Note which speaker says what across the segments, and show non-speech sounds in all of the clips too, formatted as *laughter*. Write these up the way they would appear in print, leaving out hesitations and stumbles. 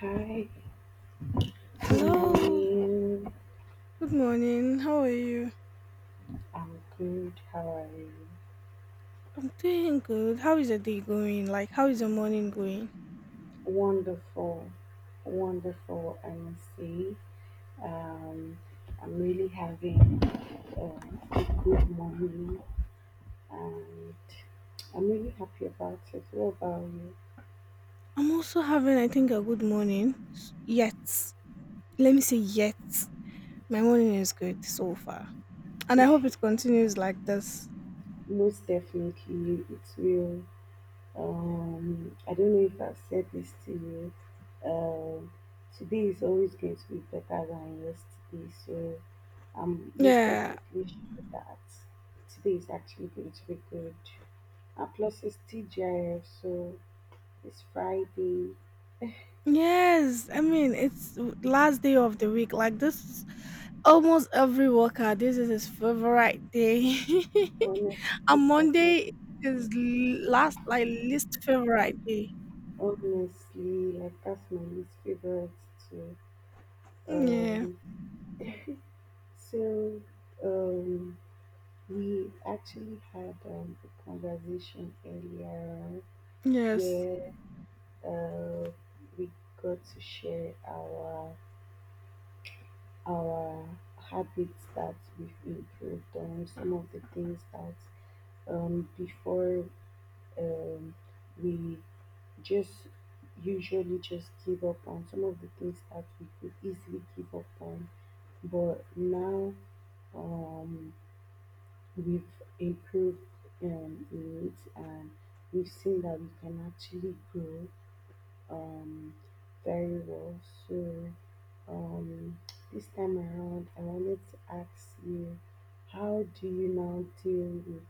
Speaker 1: Hi, good
Speaker 2: Hello,
Speaker 1: morning.
Speaker 2: good morning. How are you?
Speaker 1: I'm good. How are you?
Speaker 2: I'm doing good. How is the day going? Like, how is the morning going?
Speaker 1: Wonderful, wonderful. I must say, um, I'm really having uh, a good morning, and I'm really happy about it. What about
Speaker 2: I'm also having, I think, a good morning. Yet, let me say, yet, my morning is good so far, and I
Speaker 1: you?
Speaker 2: hope it continues like this.
Speaker 1: *laughs* Most definitely, it will. I don't know if I've said this to you. Um, Today is always going to be better than yesterday, so I'm most
Speaker 2: Yeah,
Speaker 1: definitely sure that today is actually going to be good. And plus, it's TGIF, so it's Friday.
Speaker 2: yes. I mean, it's last day of the week. Like, this is almost every worker. This is his favorite day,
Speaker 1: Honestly,
Speaker 2: *laughs* and
Speaker 1: it's like my
Speaker 2: Monday is last, like, least favorite day.
Speaker 1: Honestly, like that's my least favorite too.
Speaker 2: Yeah.
Speaker 1: Um, *laughs* so um, we actually had a conversation earlier
Speaker 2: Yes.
Speaker 1: where uh, we got to share our habits that we've improved on, some of the things that before um, we just usually just give up on, some of the things that we could easily give up on, but now um, we've improved in it, and we've seen that we can actually grow um, very well. So um, this time around, I wanted to ask you, how do you now deal with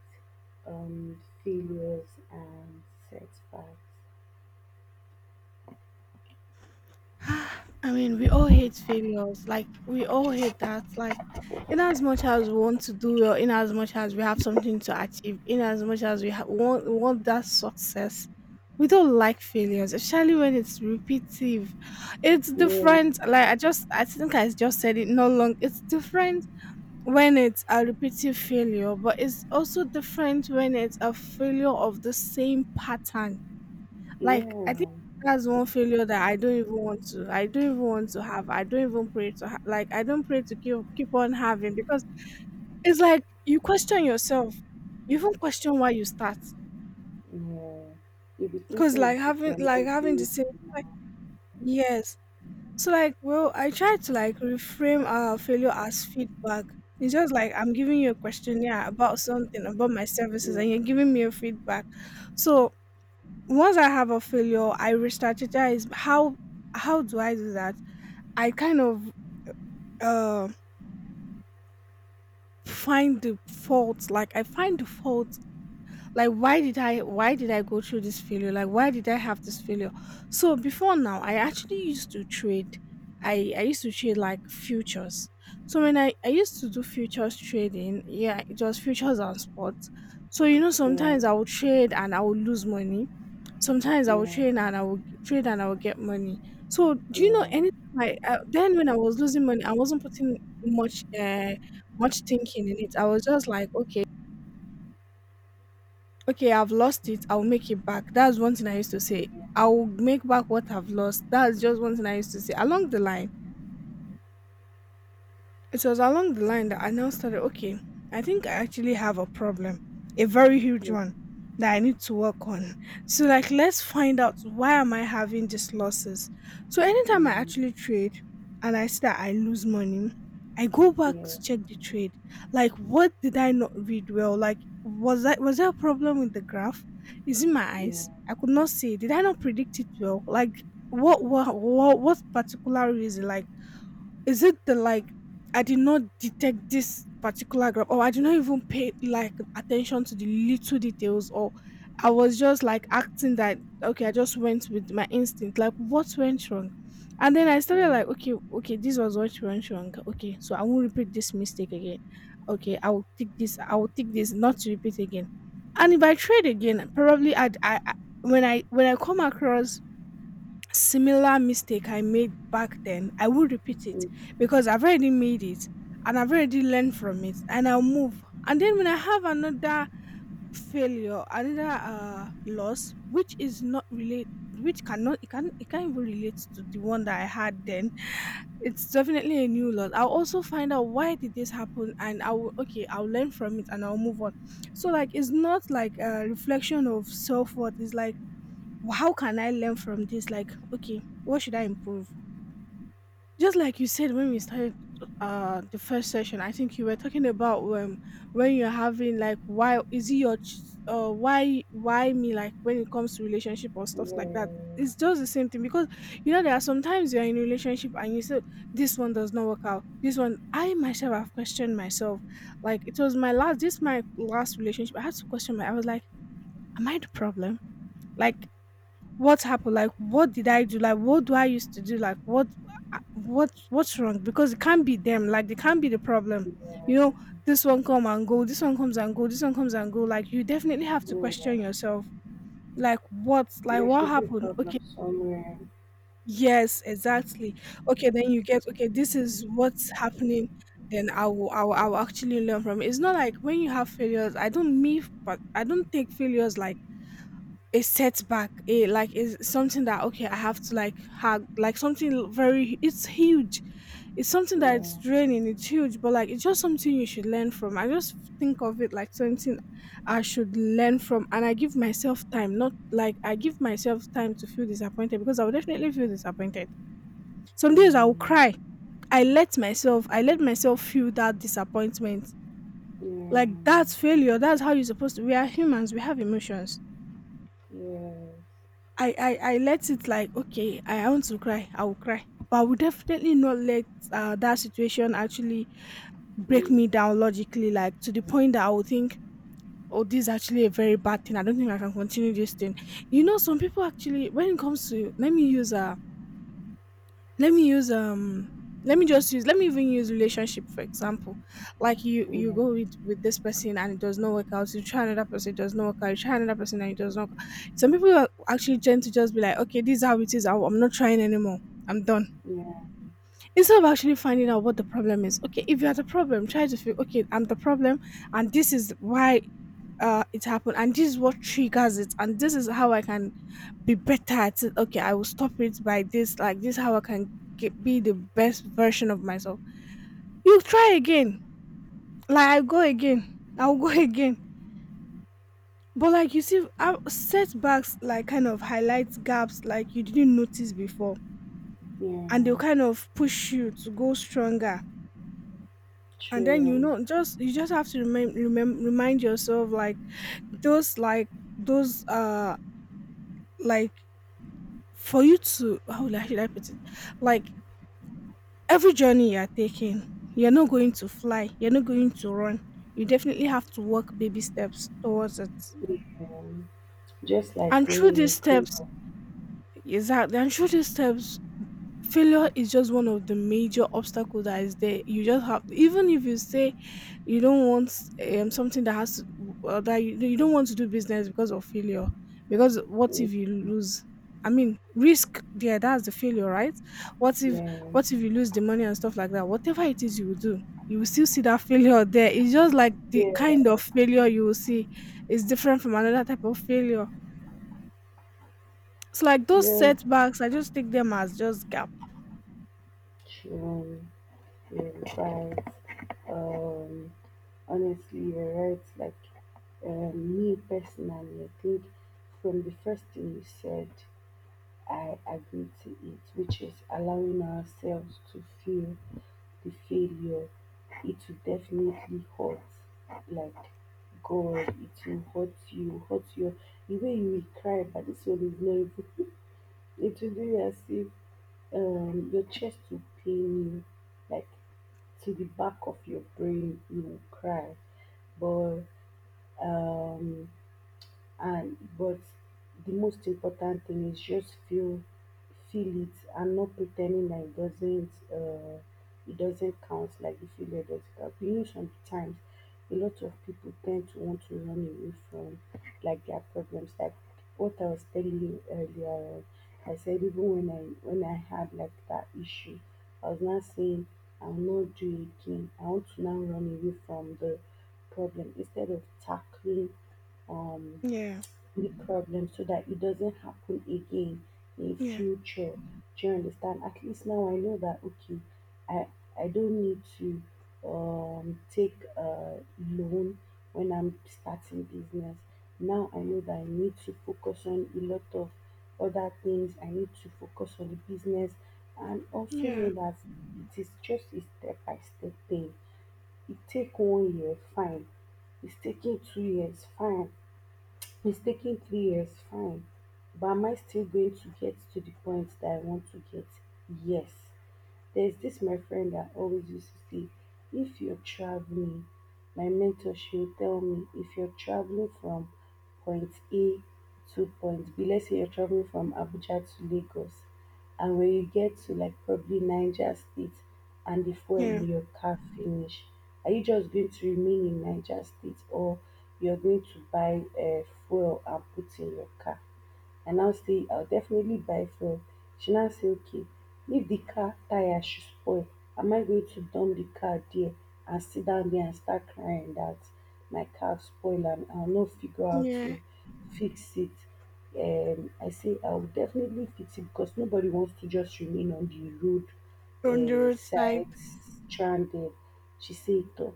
Speaker 1: failures and setbacks?
Speaker 2: *sighs* I mean, we all hate failures. Like, we all hate that. Like, in as much as we want to do well, in as much as we have something to achieve, in as much as we want that success, we don't like failures, especially when it's repetitive. It's
Speaker 1: Yeah,
Speaker 2: different. Like, I think I just said it no long. It's different when it's a repetitive failure, but it's also different when it's a failure of the same pattern. Like I think
Speaker 1: yeah,
Speaker 2: that's one failure that I don't even want to. I don't even want to have. I don't even pray to like I don't pray to keep on having, because it's like you question yourself. You even question why you start,
Speaker 1: yeah. You'll be
Speaker 2: because
Speaker 1: thinking as
Speaker 2: like
Speaker 1: if
Speaker 2: having
Speaker 1: you're
Speaker 2: like
Speaker 1: not
Speaker 2: having the
Speaker 1: good
Speaker 2: same,
Speaker 1: enough.
Speaker 2: like, yes. So, like, well, I try to like reframe our failure as feedback. It's just like I'm giving you a questionnaire about something about my services,
Speaker 1: Yeah,
Speaker 2: and you're giving me a feedback. So once I have a failure, I re-strategize, how do I do that? I kind of uh find the fault, like I find the fault like why did I go through this failure, like why did I have this failure? So before now, I actually used to trade. I used to trade like futures. So when I used to do futures trading, yeah, it was futures and sports. So you know,
Speaker 1: yeah,
Speaker 2: sometimes I would trade and I would lose money, sometimes i would
Speaker 1: yeah,
Speaker 2: trade and i would trade and I would get money. So, do you know,
Speaker 1: yeah,
Speaker 2: anything like, then when I was losing money, I wasn't putting much uh much thinking in it. I was just like, okay, okay, I've lost it, I'll make it back. That's one thing I used to
Speaker 1: yeah,
Speaker 2: say.
Speaker 1: yeah,
Speaker 2: I'll make back what I've lost. That's just one thing I used to say along the line. It was along the line that I now started, okay, I think I actually have a problem, a very huge
Speaker 1: yeah.
Speaker 2: one that I need to work on. So, like, let's find out, why am I having these losses? So anytime I actually
Speaker 1: Mm.
Speaker 2: trade and I see that I lose money, I go back
Speaker 1: Yeah.
Speaker 2: to check the trade. Like, what did I not read well? Like, was there a problem with the graph? Is it my
Speaker 1: Yeah,
Speaker 2: eyes? I could not see. Did I not predict it well? Like, what particular reason? Like, is it the like, I did not detect this particular grab, or I did not even pay like attention to the little details, or I was just like acting that, okay, I just went with my instinct. Like, what went wrong? And then I started
Speaker 1: yeah,
Speaker 2: like, okay, this was what went wrong. Okay, so I won't repeat this mistake again. Okay, I will take this not to repeat again. And if I trade again, probably I'd I when I when I come across similar mistake I made back then, I will repeat it,
Speaker 1: yeah,
Speaker 2: because I've already made it and I've already learned from it, and I'll move. And then when I have another failure, another loss, which is not relate, which cannot it can it can't even relate to the one that I had then. It's definitely a new loss. I'll also find out, why did this happen, and I will okay, I'll learn from it and I'll move on. So, like, it's not like a reflection of self worth, it's like, How can I learn from this? Like, okay, what should I improve?" Just like you said when we started the first session, I think you were talking about, when you're having, like, why is it your ch- why me, like when it comes to relationship or stuff like that. It's just the same thing, because you know there are sometimes you're in a relationship and you say this one does not work out. This one I myself have questioned myself. Like, it was my last, relationship. I had to question my I was like, am I the problem? Like, what happened? Like, what did I do? Like, what do I used to do? Like, what's wrong? Because it can't be them. Like, they can't be the problem. You know, this one come and go. This one comes and go. This one comes and go. Like, you definitely have to
Speaker 1: yeah, yeah.
Speaker 2: question yourself. Like, what? Like,
Speaker 1: There
Speaker 2: what
Speaker 1: should be a
Speaker 2: happened? Okay.
Speaker 1: problem somewhere.
Speaker 2: Yes, exactly. Okay, then you get, okay, this is what's happening. Then I will actually learn from it. It's not like when you have failures. I don't mean, but I don't take failures like a setback, a like is something that, okay, I have to like have, like, something very, it's huge, it's something that,
Speaker 1: Yeah,
Speaker 2: it's draining, it's huge, but like it's just something you should learn from. I just think of it like something I should learn from, and I give myself time, not like I give myself time to feel disappointed, because I will definitely feel disappointed. Some
Speaker 1: yeah,
Speaker 2: days I will cry. I let myself feel that disappointment.
Speaker 1: yeah,
Speaker 2: Like, that's failure, that's how you're supposed to. We are humans, we have emotions.
Speaker 1: yes,
Speaker 2: I let it, like, okay, I want to cry, I will cry, but I will definitely not let, that situation actually break me
Speaker 1: yeah,
Speaker 2: down logically, like to the point that I will think, oh, this is actually a very bad thing, I don't think I can continue this thing. You know, some people actually, when it comes to, let me use um let me even use relationship for example. Like, you go
Speaker 1: yeah,
Speaker 2: with this person, and it does not work out, you try another person, it does not work out, you try another person, and it does not. Some people are actually tend to just be like, okay, this is how it is, I'm not trying anymore, I'm done.
Speaker 1: yeah.
Speaker 2: Instead of actually finding out what the problem is, okay, if you are the problem, try to feel, okay, I'm the problem, and this is why it happened, and this is what triggers it, and this is how I can be better at it. Okay, I will stop it by this. Like this, how I can be the best version of myself. You try again. Like, I go again. I'll go *laughs* again. But like, you see, setbacks like kind of highlights gaps like you didn't notice before,
Speaker 1: Yeah.
Speaker 2: and they'll kind of push you to go stronger. And then, you
Speaker 1: True.
Speaker 2: know, just, you just have to remind yourself, like, those like those like for you to, how would should I put it, like, every journey you are taking, you're not going to fly, you're not going to run. You definitely have to walk baby steps towards it.
Speaker 1: Yeah. Just like
Speaker 2: And
Speaker 1: when
Speaker 2: through these
Speaker 1: you grow
Speaker 2: steps,
Speaker 1: up.
Speaker 2: exactly, and through these steps, failure is just one of the major obstacles that is there. You just have, even if you say you don't want, something that has to, that you don't want to do business because of failure, because what if you lose, I mean, risk there, that's the failure, right? what if
Speaker 1: Yeah,
Speaker 2: what if you lose the money and stuff like that, whatever it is you will do, you will still see that failure there. It's just like the
Speaker 1: yeah,
Speaker 2: kind of failure you will see is different from another type of failure. It's like those
Speaker 1: yeah.
Speaker 2: setbacks, I just take them as just gap.
Speaker 1: True. You're right. Um, Honestly, you're right. Like, me personally, I think from the first thing you said, I agree to it, which is allowing ourselves to feel the failure. It will definitely hurt. Like, God, it will hurt you, hurt your, the way you will cry, but this one is not even, *laughs* it will be as if your chest will pain you, like to the back of your brain you will cry. But um but the most important thing is just feel it, and not pretending that it doesn't, it doesn't count, like the failure doesn't count. You know, sometimes a lot of people tend to want to run away from, like, their problems, like what I was telling you earlier on. I said, even when I had like that issue, I was not saying I'll not do it again. I want to now run away from the problem instead of tackling um
Speaker 2: Yeah,
Speaker 1: the problem so that it doesn't happen again in
Speaker 2: yeah.
Speaker 1: future. Do you understand? At least now I know that, okay, I I don't need to take a loan when I'm starting business. Now I know that I need to focus on a lot of other things. I need to focus on the business and also
Speaker 2: Yeah,
Speaker 1: know that it is just a step by step thing. It take one year, fine. It's taking 2 years, fine. Mistaking 3 years, fine. But am I still going to get to the point that I want to get? Yes. There's this my friend that always used to say, if you're traveling, my mentor, she would tell me, if you're traveling from point A to point B, let's say you're traveling from Abuja to Lagos, and when you get to like probably Niger State and the fuel
Speaker 2: yeah,
Speaker 1: in your car finish, are you just going to remain in Niger State, or you're going to buy fuel and put in your car? I now say I'll definitely buy fuel. She now say, okay, if the car tire should spoil, am I going to dump the car there and sit down there and start crying that my car spoil, and I'll not figure out
Speaker 2: yeah.
Speaker 1: to fix it? I say I'll definitely fix it, because nobody wants to just remain on the road
Speaker 2: On the roadside.
Speaker 1: side, stranded. She said, "Toh,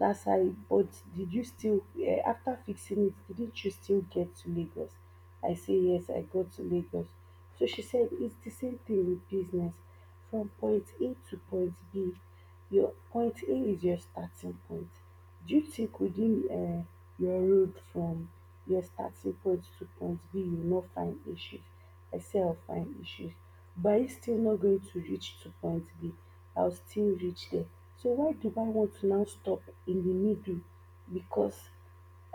Speaker 1: that's how. But did you still, after fixing it? Didn't you still get to Lagos?" I say yes, I go to Lagos. So she said, it's the same thing with business. From point A to point B, your point A is your starting point. Do you think within your road from your starting point to point B, you will not find issues? I say I'll find issues. But it's still not going to reach to point B. I'll still reach there. So why do I want to now stop in the middle? Because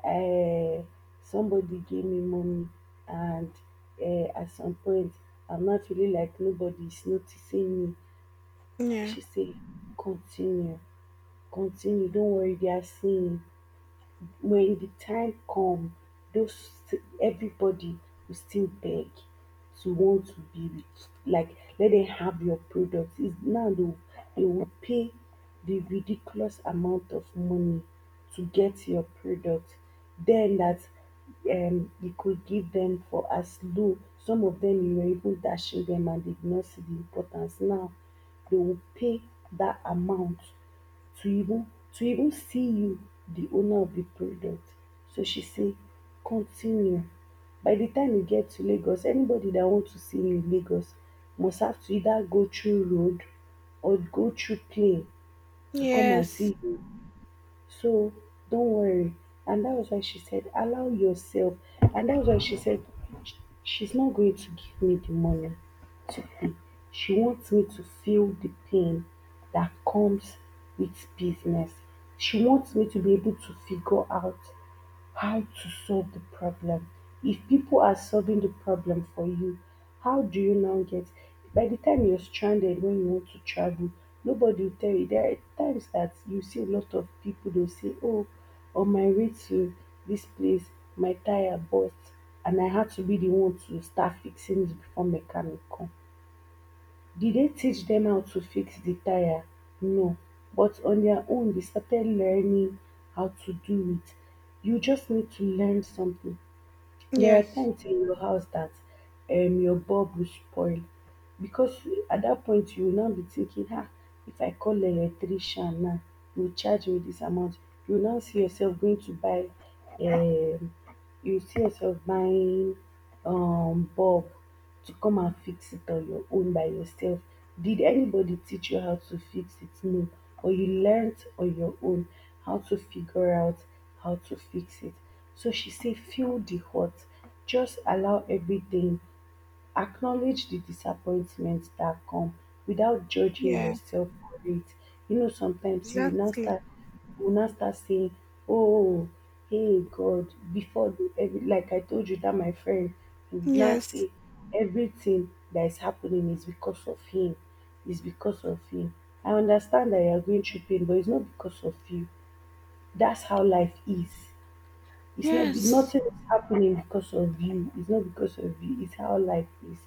Speaker 1: uh, somebody gave me money, and at some point, I'm not feeling like nobody's noticing me.
Speaker 2: Yeah.
Speaker 1: She said, continue, continue, don't worry, they are seeing you. When the time come, those, everybody will still beg to want to be with, like, let them have your product is now. They will, they will pay the ridiculous amount of money to get your product. Then that you could give them for as low, some of them you were even dashing them and they did not see the importance, now they will pay that amount to even, to even see you, the owner of the product. So she say, continue. By the time you get to Lagos, anybody that want to see you in Lagos must have to either go through road or go through plane to come and
Speaker 2: Yes.
Speaker 1: see you. So don't worry. And that was why she said, allow yourself. And that was why she said, "Sh- she's not going to give me the money. She wants me to feel the pain that comes with business. She wants me to be able to figure out how to solve the problem. If people are solving the problem for you, how do you now get?" By the time you're stranded when you want to travel, nobody will tell you. There are times that you see a lot of people, they'll say, oh, on my way to this place, my tire burst, and I had to be the one to start fixing it before mechanic come. Did they teach them how to fix the tyre? No, but on their own they started learning how to do it. You just need to learn something. There are
Speaker 2: Yes.
Speaker 1: times in your house that your bulb will spoil, because at that point you will now be thinking, ah, if I call electrician now, he will charge me this amount. You will now see yourself going to buy, um, you see yourself buying bulb to come and fix it on your own by yourself. Did anybody teach you how to fix it? No. Or you learnt on your own how to figure out how to fix it. So she said, feel the hurt. Just allow everything, acknowledge the disappointment that come without judging
Speaker 2: Yeah.
Speaker 1: yourself for it. You know, sometimes you will now
Speaker 2: Exactly.
Speaker 1: start, you will now start saying, oh, hey God, before the every, like I told you that my friend, he would now
Speaker 2: Yes.
Speaker 1: say, everything that is happening is because of him, is because of him. I understand that you are going through pain, but it's not because of you. That's how life is. It's not be,
Speaker 2: Yes.
Speaker 1: nothing is happening because of you. It's not because of you. It's how life is.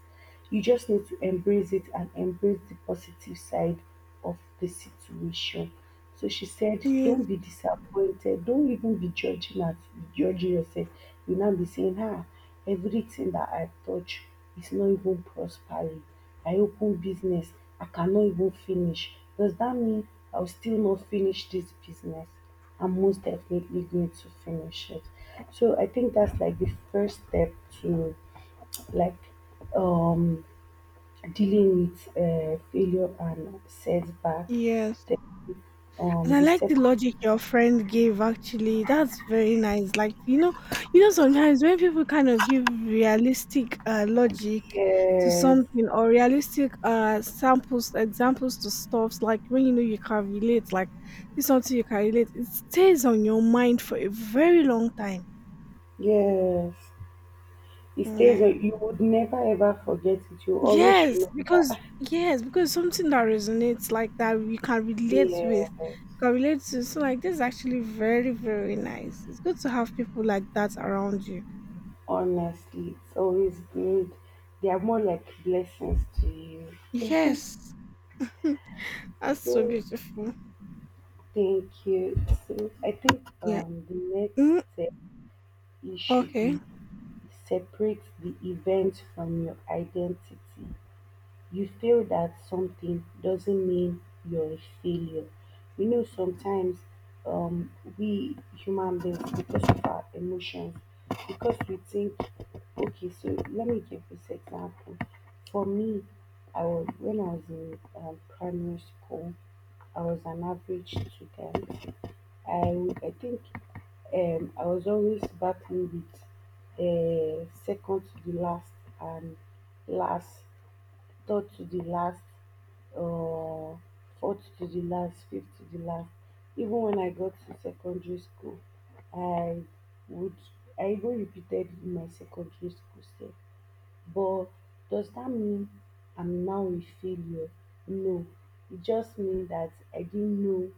Speaker 1: You just need to embrace it and embrace the positive side of the situation. So she said, don't
Speaker 2: Yes.
Speaker 1: be disappointed. Don't even be judging at, judging yourself. You now be saying, ah, everything that I touch is not even prospering. I open business, I cannot even finish. Does that mean I'll still not finish this business? I'm most definitely going to finish it. So I think that's like the first step to, like, um dealing with failure and setback.
Speaker 2: Yes.
Speaker 1: The,
Speaker 2: And I
Speaker 1: the
Speaker 2: like the
Speaker 1: second.
Speaker 2: logic your friend gave, actually. That's very nice. Like, you know, sometimes when people kind of give realistic logic to
Speaker 1: Yes.
Speaker 2: something, or realistic samples, examples to stuffs, like when you know you can relate, like, this is something you can relate, it stays on your mind for a very long time.
Speaker 1: Yes, it stays,
Speaker 2: Yeah.
Speaker 1: you would never ever forget it. You always
Speaker 2: Yes, because
Speaker 1: remember.
Speaker 2: something that resonates like that you can relate with,
Speaker 1: Yes,
Speaker 2: can relate to. So, like, this is actually very, very nice. It's good to have people like that around you.
Speaker 1: honestly, it's always good. They are more like blessings to you. *laughs*
Speaker 2: Yes. That's so
Speaker 1: So,
Speaker 2: beautiful.
Speaker 1: thank you. So I think,
Speaker 2: Yeah.
Speaker 1: the next
Speaker 2: Mm,
Speaker 1: step, it should
Speaker 2: okay.
Speaker 1: be, separate the event from your identity. You feel that something doesn't mean you're a failure. You know, sometimes, um, we human beings, because of our emotions, because we think, okay, so let me give this example. For me, I was when I was in primary school, I was an average student. I think, I was always battling with, second to the last, and last, third to the last, uh, fourth to the last, fifth to the last. Even when I got to secondary school, I would, I even repeated in my secondary school self. But does that mean I'm now a failure? No. It just means that I didn't know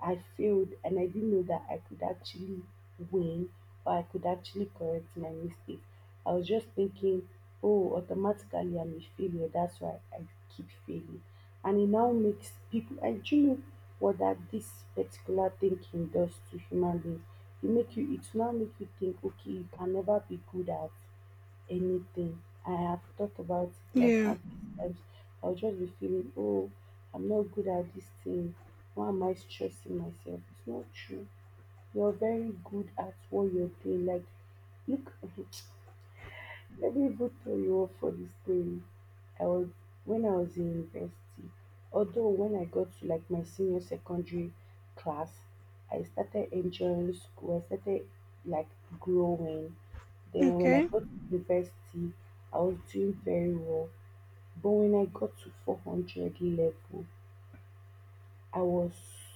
Speaker 1: I failed, and I didn't know that I could actually win, or I could actually correct my mistake. I was just thinking, oh, automatically I'm a failure. That's why I keep failing. And it now makes people, and do you know what that this particular thinking does to human beings? It make you, it now make you think, okay, you can never be good at anything. I have talked about it like
Speaker 2: Yeah.
Speaker 1: countless times. I'll just be feeling, oh, I'm not good at this thing. Why am I stressing myself? It's not true. You're very good at what you're doing. Like, look, *laughs* let me put you up for this thing. I was when I was in university. Although when I got to like my senior secondary class, I started enjoying school. I started like growing. Then when I
Speaker 2: Okay.
Speaker 1: got to university, I was doing very well. But when I got to 400 level, I was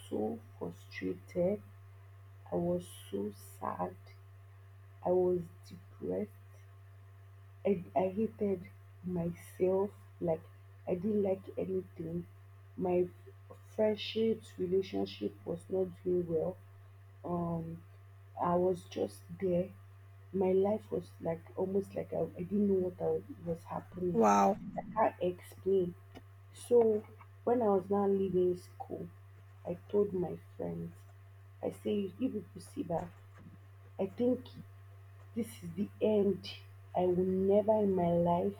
Speaker 1: so frustrated. I was so sad. I was depressed. I hated myself. Like I didn't like anything. My friendships, relationship was not doing well. Um, I was just there. My life was like almost like I didn't know what I, was happening.
Speaker 2: Wow.
Speaker 1: I can't explain. So when I was now leaving school, I told my friends, I say, if you could see that, I think this is the end. I will never in my life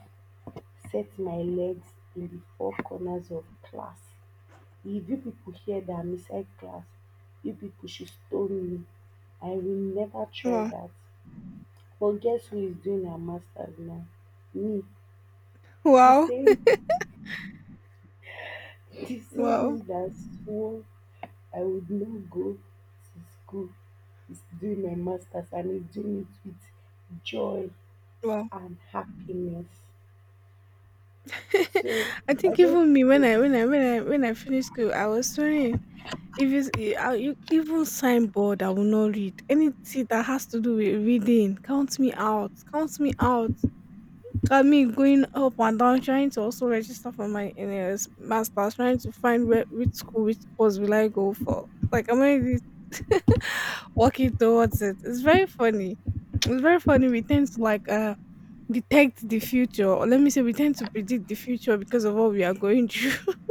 Speaker 1: set my legs in the four corners of class. If you people hear that I'm inside class, you people should stone me. I will never try
Speaker 2: Wow.
Speaker 1: that. But guess who is doing her masters now? Me. The
Speaker 2: Wow.
Speaker 1: same *laughs* the
Speaker 2: Wow.
Speaker 1: same me that swore I would not go to school is doing my masters and is doing it with joy
Speaker 2: Wow.
Speaker 1: and happiness.
Speaker 2: *laughs*
Speaker 1: So
Speaker 2: I
Speaker 1: I
Speaker 2: think
Speaker 1: just
Speaker 2: even me when
Speaker 1: feel
Speaker 2: I finished school, I was 20. If it's e I e even signboard I will not read. Anything that has to do with reading, count me out, count me out. Got me going up and down trying to also register for my NLS master's, trying to find where which school, which course will I go for. Like I am already *laughs* really working towards it. It's very funny. It's very funny. We tend to detect the future, or let me say we tend to predict the future because of what we are going through. *laughs*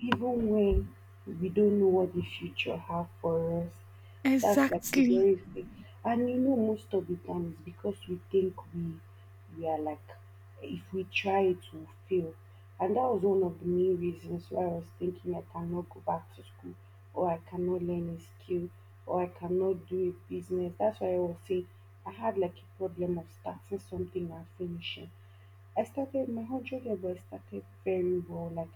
Speaker 1: even when we don't know what the future have for us, that's like a
Speaker 2: Exactly.
Speaker 1: very big. And you know, most of the time it's because we think we are like, if we try it, will fail. And that was one of the main reasons why I was thinking I cannot go back to school, or I cannot learn a skill, or I cannot do a business. That's why I was saying I had like a problem of starting something and finishing. I started my 100 level. I started very well, like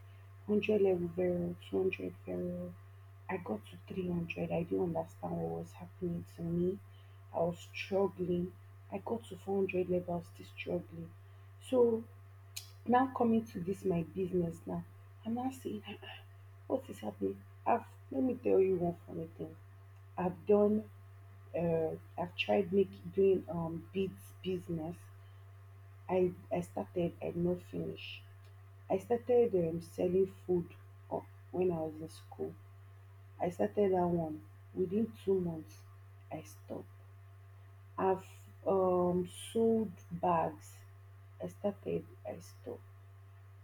Speaker 1: 100 level very well, 200 very well. I got to 300. I didn't understand what was happening to me. I was struggling. I got to 400 level. I was still struggling. So now coming to this my business now, I'm now seeing, "Ah, what is happening. I've let me tell you one funny thing. I've done. I've tried make doing beads business. I started. I did not finish. I started selling food o- when I was in school. I started that one. Within 2 months, I stopped. I've sold bags. I started, I stopped.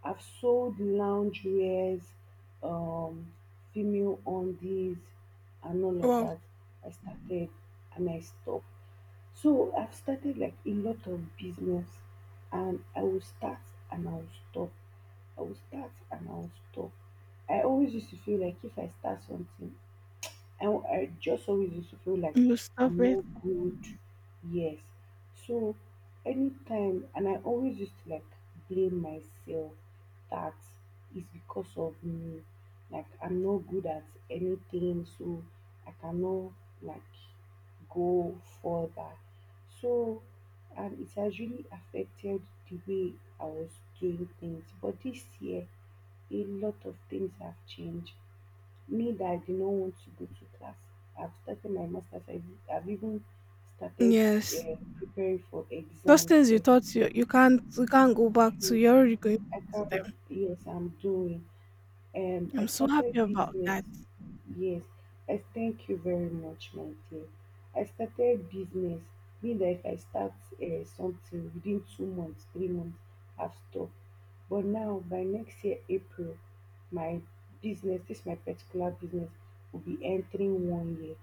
Speaker 1: I've sold lounge wears, um, female undies, and all of
Speaker 2: Wow.
Speaker 1: that. I started and I stopped. So I've started like a lot of business and I will start and I will stop. I will start and I will stop. I always used to feel like if I start something, I just always used to feel like
Speaker 2: You stop
Speaker 1: I'm
Speaker 2: it.
Speaker 1: not good. Yes. So anytime, and I always used to like blame myself that it's because of me. Like I'm not good at anything, so I cannot like go further. So, and it has really affected the way I was doing things. But this year, a lot of things have changed. Me that I did not want to go to class. I've started my master's. I've even started
Speaker 2: Yes.
Speaker 1: preparing for
Speaker 2: Those
Speaker 1: exams.
Speaker 2: things you
Speaker 1: Sef.
Speaker 2: thought you can't you can't go back to,
Speaker 1: Do-
Speaker 2: you're already going
Speaker 1: I
Speaker 2: back to
Speaker 1: can't.
Speaker 2: them.
Speaker 1: Yes, I'm doing. I
Speaker 2: I'm so happy
Speaker 1: started
Speaker 2: about
Speaker 1: business.
Speaker 2: that.
Speaker 1: Yes, I thank you very much, my dear. I started business. Mean that if I start something within 2 months, 3 months, I've stopped. But now, by next year, April, my business, this my particular business, will be entering one year.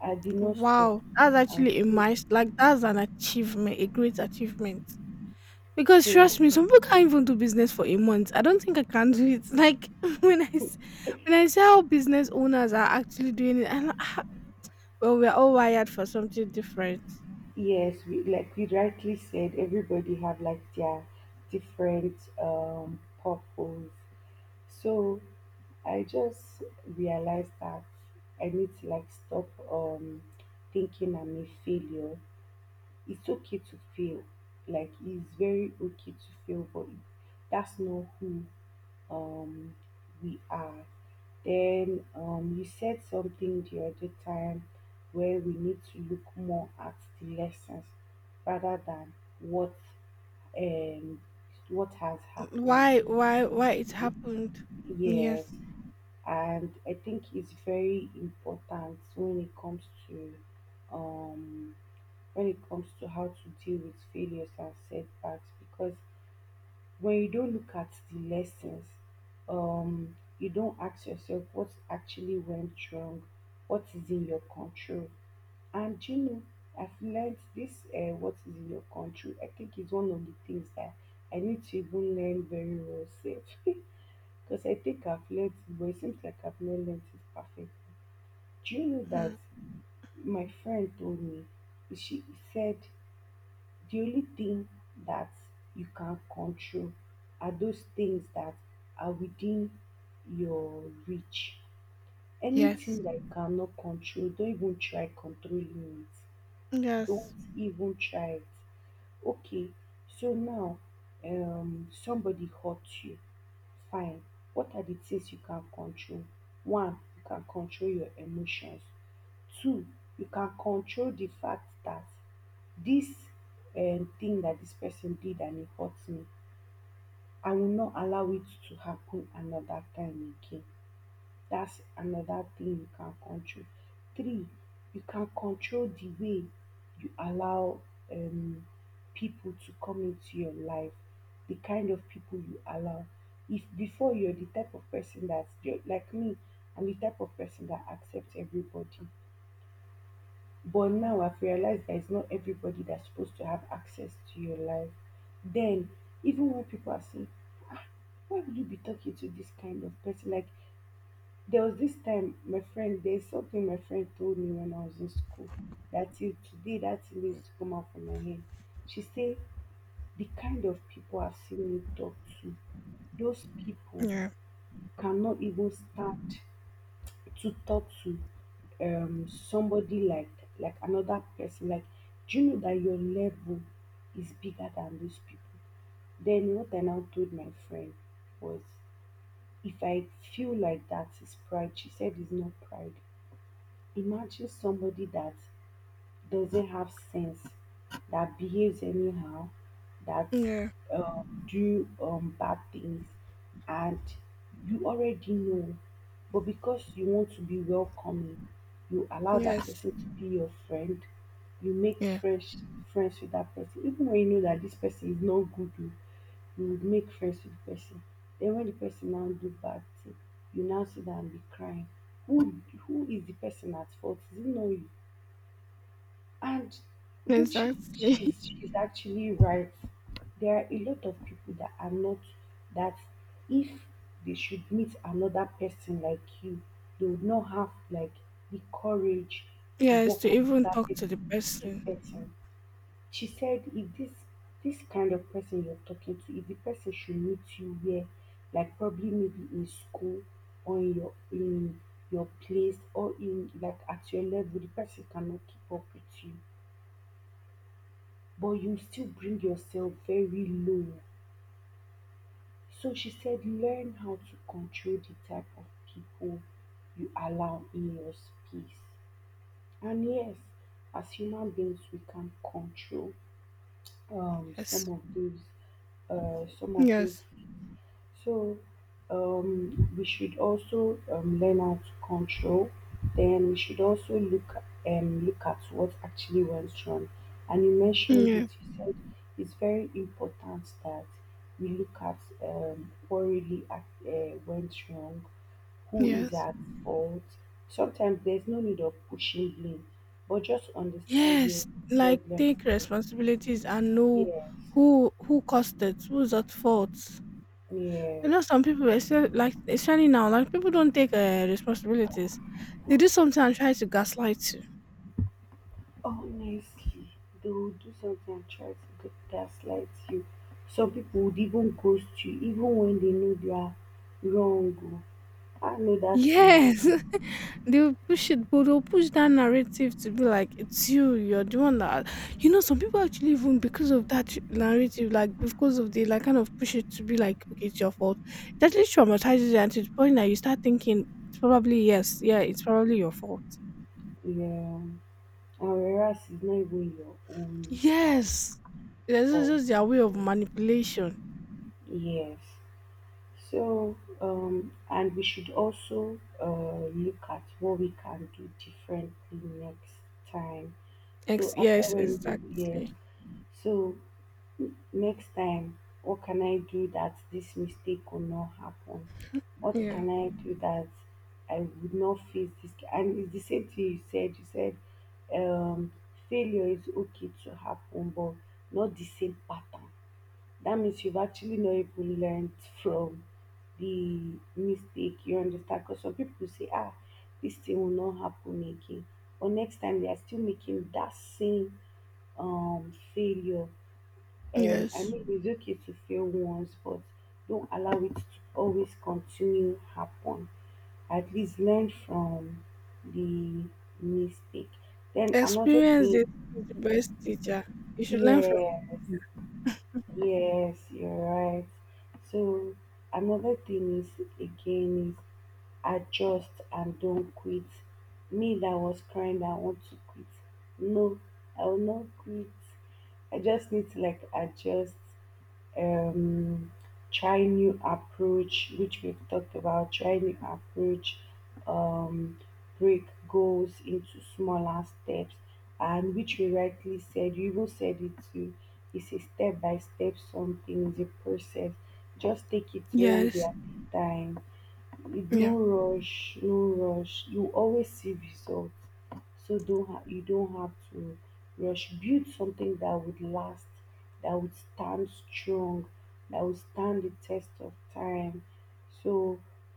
Speaker 1: I did not stop.
Speaker 2: Wow, that's
Speaker 1: I'm
Speaker 2: actually a
Speaker 1: still
Speaker 2: milest like, that's an achievement, a great achievement. Because trust
Speaker 1: so
Speaker 2: me, some people can't even do business for a month. I don't think I can do it. *laughs* Like when I s- when I see how business owners are actually doing it, I'm like, "Ah." Well, we're all wired for something different.
Speaker 1: yes, we like you rightly said, everybody have like their different purpose. So I just realized that I need to like stop thinking I'm a failure. It's okay to fail. Like it's very okay to fail, but it- that's not who um we are. Then you said something the other time where we need to look more at the lessons rather than what um what has
Speaker 2: Mm,
Speaker 1: happened.
Speaker 2: why, why it happened?
Speaker 1: Yes,
Speaker 2: Yes,
Speaker 1: and I think it's very important when it comes to um, when it comes to how to deal with failures and setbacks because when you don't look at the lessons, you don't ask yourself what actually went wrong, what is in your control, and you know I've learned this what is in your control. I think is one of the things that I need to even learn very well. Safe. *laughs* Because I think I've learned it, but it seems like I've not learned it perfectly. Do you know that
Speaker 2: mm,
Speaker 1: my friend told me, she said, the only thing that you can control are those things that are within your reach.
Speaker 2: yes,
Speaker 1: Anything that you cannot control, don't even try controlling it. Don't
Speaker 2: yes,
Speaker 1: even try it. Okay, so now somebody hurt you, fine. What are the things you can control? One, you can control your emotions. Two, you can control the fact that this thing that this person did and it hurt me, I will not allow it to happen another time again. That's another thing you can control. Three, you can control the way you allow um, people to come into your life, the kind of people you allow. If before you're the type of person that, you're, like me, I'm the type of person that accepts everybody. But now I've realized that it's not everybody that's supposed to have access to your life. Then, even when people are saying, ah, why would you be talking to this kind of person? Like, there was this time my friend, there's something my friend told me when I was in school that till today that thing needs
Speaker 2: mm,
Speaker 1: to come out from my head. She said, the kind of people I've seen you talk to, those people
Speaker 2: yeah,
Speaker 1: cannot even stand to talk to somebody like another person. Like, do you know that your level is bigger than those people? Then what I now told my friend was if I feel like that is pride, she said it's not pride, imagine somebody that doesn't have sense, that behaves anyhow, that
Speaker 2: yeah,
Speaker 1: do bad things, and you already know. But because you want to be welcoming, you allow that
Speaker 2: yes,
Speaker 1: person to be your friend. You make
Speaker 2: yeah,
Speaker 1: fresh friends with that person, even when you know that this person is not good. Oh, you would make friends with the person. Then when the person now do bad thing, you now sit down and be crying. Who who is the person at fault? Is it not you? And which
Speaker 2: exactly. *laughs*
Speaker 1: she's actually right. There are a lot of people that are not that if they should meet another person like you, they would not have like the courage to
Speaker 2: Yes,
Speaker 1: walk
Speaker 2: to
Speaker 1: up to
Speaker 2: even
Speaker 1: that
Speaker 2: talk to the
Speaker 1: person to
Speaker 2: person.
Speaker 1: person. She said if this this kind of person you're talking to, if the person should meet you where, like probably maybe in school or in your place or in like at your level, the person cannot keep up with you but you still bring yourself very low. So she said, learn how to control the type of people you allow in your space. And yes, as human beings, we can control some
Speaker 2: Yes,
Speaker 1: of those, some of those.
Speaker 2: yes,
Speaker 1: So we should also learn how to control. Then we should also look look at what actually went wrong. And you mentioned
Speaker 2: yeah,
Speaker 1: it. You said it's very important that we look at what really went wrong, who is
Speaker 2: yes.
Speaker 1: at fault. Sometimes there's no need of pushing blame, but just understand where
Speaker 2: Yes,
Speaker 1: the
Speaker 2: like
Speaker 1: problem
Speaker 2: take
Speaker 1: is.
Speaker 2: responsibilities and know
Speaker 1: Yes,
Speaker 2: who caused it, who's at fault. I
Speaker 1: yes.
Speaker 2: know some people, especially especially now, like people don't take responsibilities. They do something and try to gaslight you.
Speaker 1: Honestly, they will do something and try to gaslight you. Some people would even ghost you, even when they know they are wrong. Oh. I know that thing.
Speaker 2: Yes. *laughs* They will push it, but they'll push that narrative to be like, it's you, you're the one that, you know, some people actually even because of that narrative, like because of the kind of push it to be like, okay, it's your fault. It actually traumatizes you, and to the point that you start thinking, it's probably yes, yeah, it's probably your fault.
Speaker 1: Yeah, and whereas it's not even your own
Speaker 2: Yes, this is
Speaker 1: fault.
Speaker 2: just their way of manipulation.
Speaker 1: Yes. So, and we should also look at what we can do differently next time. So,
Speaker 2: Ex-
Speaker 1: after
Speaker 2: yes,
Speaker 1: when, yes,
Speaker 2: exactly.
Speaker 1: so next time, what can I do that this mistake will not happen? What
Speaker 2: Yeah.
Speaker 1: can I do that I would not face this? And it's the same thing you said. You said um, failure is okay to happen, but not the same pattern, that means you've actually not even learned from the mistake. You understand? Because some people say, ah, this thing will not happen again. But next time they are still making that same failure. I
Speaker 2: Yes.
Speaker 1: mean, it's okay to fail once, but don't allow it to always continue happen. At least learn from the mistake. Then another
Speaker 2: Experience this
Speaker 1: thing,
Speaker 2: is the best teacher. You should learn from.
Speaker 1: yeah,
Speaker 2: Mhm.
Speaker 1: yes, you're right. So another thing is again is adjust and don't quit. Me that was crying that I want to quit. No, I will not quit. I just need to like adjust um, try new approach, which we've talked about, try new approach, um, break goals into smaller steps, and which you rightly said, you even said it too, it's a step by step something, it's a process. Just take it one day
Speaker 2: Yes.
Speaker 1: at a time. No
Speaker 2: Yeah.
Speaker 1: rush, no rush, you always see results, so don't ha- you don't have to rush. Build something that would last, that would stand strong, that would stand the test of time. So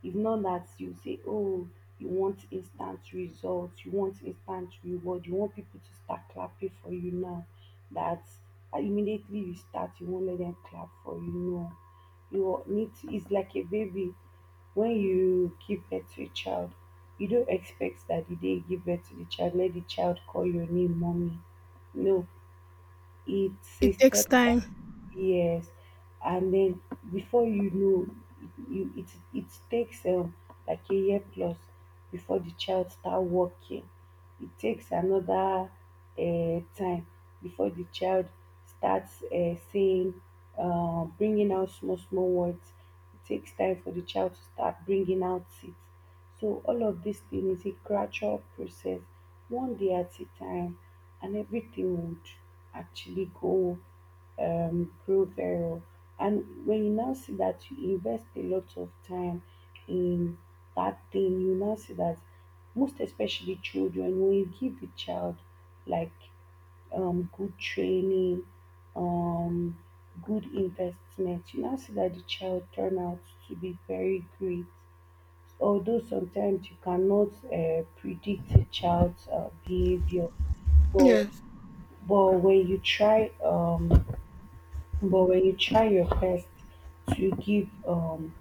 Speaker 1: if not that you say, oh, you want instant results, you want instant reward, you want people to start clapping for you now, that immediately you start, you won't let them clap for you. No, you need to, it's like a baby. When you give birth to a child, you don't expect that the day you give birth to the child, let the child call your name mommy. No, it's a
Speaker 2: It takes
Speaker 1: step.
Speaker 2: time.
Speaker 1: Yes, and then before you know, you it it takes like a year plus before the child start walking. It takes another time before the child starts saying, bringing out small small words. It takes time for the child to start bringing out it. So all of this thing is a gradual process, one day at a time, and everything would actually go grow very well. And when you now see that you invest a lot of time in that thing, you now see that, most especially children, when you give the child like good training, um, good investment, you now see that the child turn out to be very great. Although sometimes you cannot predict a child's behavior, but
Speaker 2: Yes.
Speaker 1: but when you try um but when you try your best to give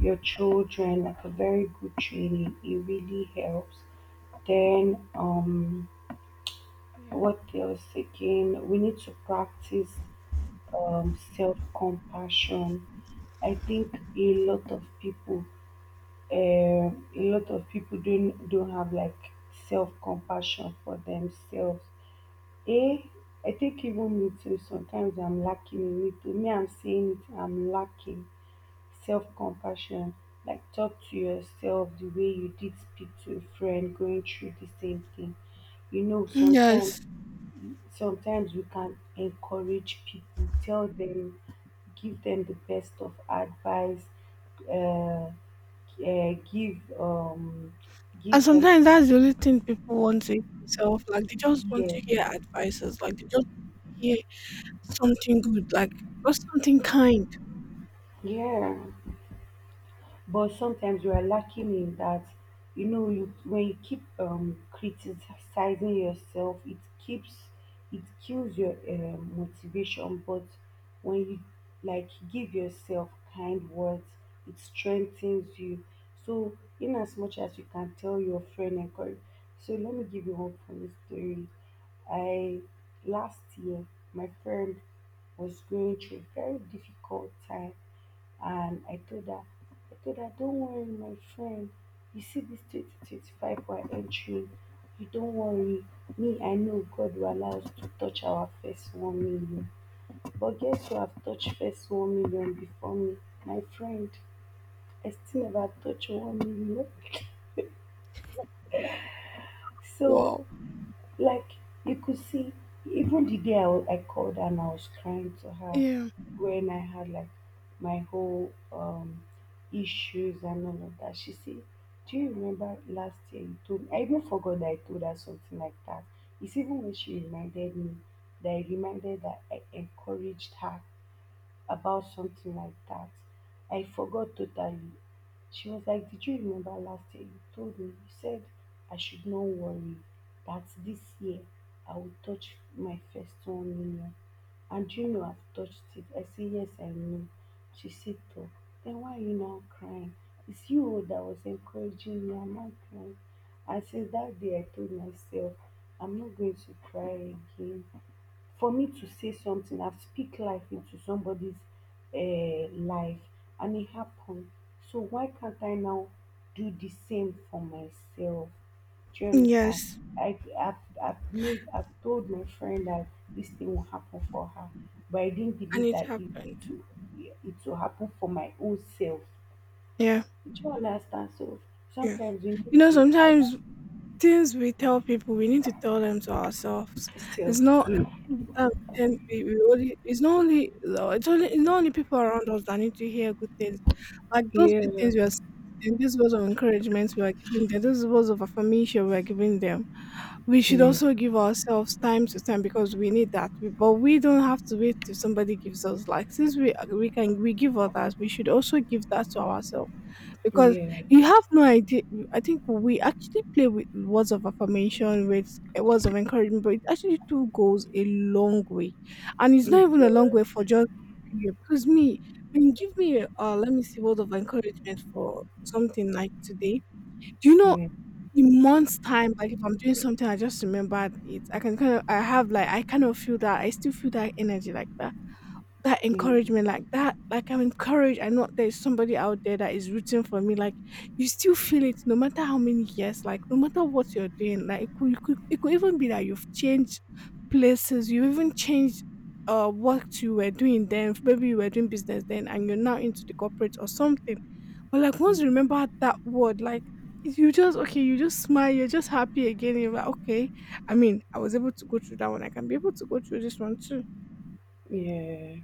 Speaker 1: your children like a very good training, it really helps. Then
Speaker 2: Yeah.
Speaker 1: what else again, we need to practice self-compassion. I think a lot of people, uh, don't have like self-compassion for themselves. eh I think even me too, sometimes I'm lacking in it. To me, I'm saying it, I'm lacking. Self-compassion, like talk to yourself the way you did speak to a friend going through the same thing. You know, sometimes
Speaker 2: Yes.
Speaker 1: we can encourage people, tell them, give them the best of advice, uh, uh, give um,
Speaker 2: And
Speaker 1: give them.
Speaker 2: sometimes that's the only thing people want to hear itself. Like they just want
Speaker 1: Yeah,
Speaker 2: to hear advices. Like they just hear something good, like or something kind.
Speaker 1: yeah. But sometimes we are lacking in that. You know, you when you keep criticizing yourself, it kills your motivation. But when you, like, give yourself kind words, it strengthens you. So, in as much as you can tell your friend, and encourage. So, let me give you one funny story. I Last year, my friend was going through a very difficult time, and I told her, don't worry, my friend. You see this 2025 we're entering. You don't worry. Me, I know God will allow us to touch our first 1 million. But guess who have touched first 1 million before me? My friend. I still never touch 1 million. So,
Speaker 2: Wow.
Speaker 1: like you could see, even the day I called her and I was crying to her
Speaker 2: Yeah.
Speaker 1: when I had like my whole issues and all of that. She said, "Do you remember last year you told me?" I even forgot that I told her something like that. It's even when she reminded me that I reminded, that I encouraged her about something like that. I forgot totally. She was like, "Did you remember last year? You told me, you said I should not worry, that this year I will touch my first 1 million. And do you know I've touched it?" I say, "Yes, I know." She said, "Oh, then why are you now crying? It's you that was encouraging me. I'm not crying." And since that day, I told myself, I'm not going to cry again, for me to say something and speak life into somebody's life and it happened. So why can't I now do the same for myself? Do you understand?
Speaker 2: Yes.
Speaker 1: I, I've made, I've told my friend that this thing will happen for her, but I didn't
Speaker 2: And
Speaker 1: believe
Speaker 2: it
Speaker 1: that it, it,
Speaker 2: happened.
Speaker 1: will, it will happen for my own self.
Speaker 2: Yeah.
Speaker 1: Do you understand? So
Speaker 2: Yes.
Speaker 1: sometimes we
Speaker 2: You
Speaker 1: need
Speaker 2: know,
Speaker 1: to allow
Speaker 2: sometimes things we tell people, we need to tell them to ourselves. It's
Speaker 1: ourselves.
Speaker 2: not that we, tend- we only, it's not only no, it's only it's not only people around us that need to hear good things. Like those good
Speaker 1: Yeah,
Speaker 2: things we are saying, these words of encouragement we are giving them, those words of affirmation we are giving them. We should
Speaker 1: yeah,
Speaker 2: also give ourselves time to time because we need that. But we don't have to wait till somebody gives us. Like since we can we give others, we should also give that to ourselves because
Speaker 1: yes.
Speaker 2: you have no idea. I think we actually play with words of affirmation, with words of encouragement, but it actually too goes a long way, and it's not
Speaker 1: It
Speaker 2: even a long
Speaker 1: does.
Speaker 2: way for just period. Because me, when you give me a let me see word of encouragement for something like today, do you know?
Speaker 1: Yeah,
Speaker 2: In months time, like if I'm doing something, I just remember it. I can kind of, I have like, I kind of feel that I still feel that energy like that, that
Speaker 1: yeah.
Speaker 2: encouragement like that, like I'm encouraged. I know there's somebody out there that is rooting for me, like you still feel it no matter how many years, like no matter what you're doing. Like it could even be that you've changed places. You even changed what you were doing then. Maybe you were doing business then and you're now into the corporate or something, but like once you remember that word, like you just okay, you just smile, you're just happy again. You're like, okay, I mean, I was able to go through that one, I can be able to go through this one too.
Speaker 1: Yeah,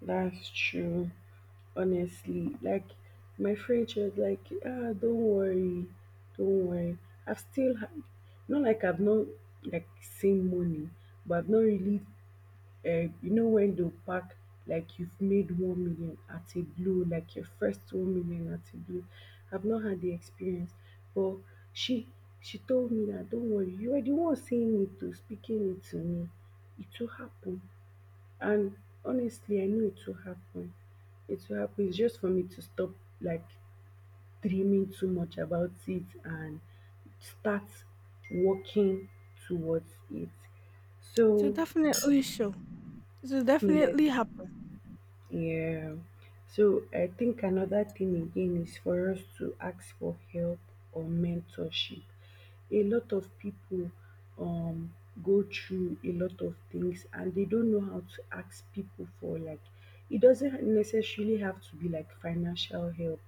Speaker 1: that's true. Honestly, like my friend, she was like, "Ah, don't worry, don't worry. I've still not, like, I've not, like, seen money, but I've not really. You know, when they pack, like you've made 1 million at a blue, like your first 1 million at a blue. I've not had the experience, but she she told me that don't worry, you are the one saying it, to speaking it to me. It will happen." And honestly, I know it will happen. It will happen. It's just for me to stop, like, dreaming too much about it and start working towards it.
Speaker 2: So
Speaker 1: So
Speaker 2: definitely sure. It will
Speaker 1: yes,
Speaker 2: definitely happen.
Speaker 1: yeah. So I think another thing again is for us to ask for help or mentorship. A lot of people um go through a lot of things and they don't know how to ask people for, like, it doesn't necessarily have to be like financial help.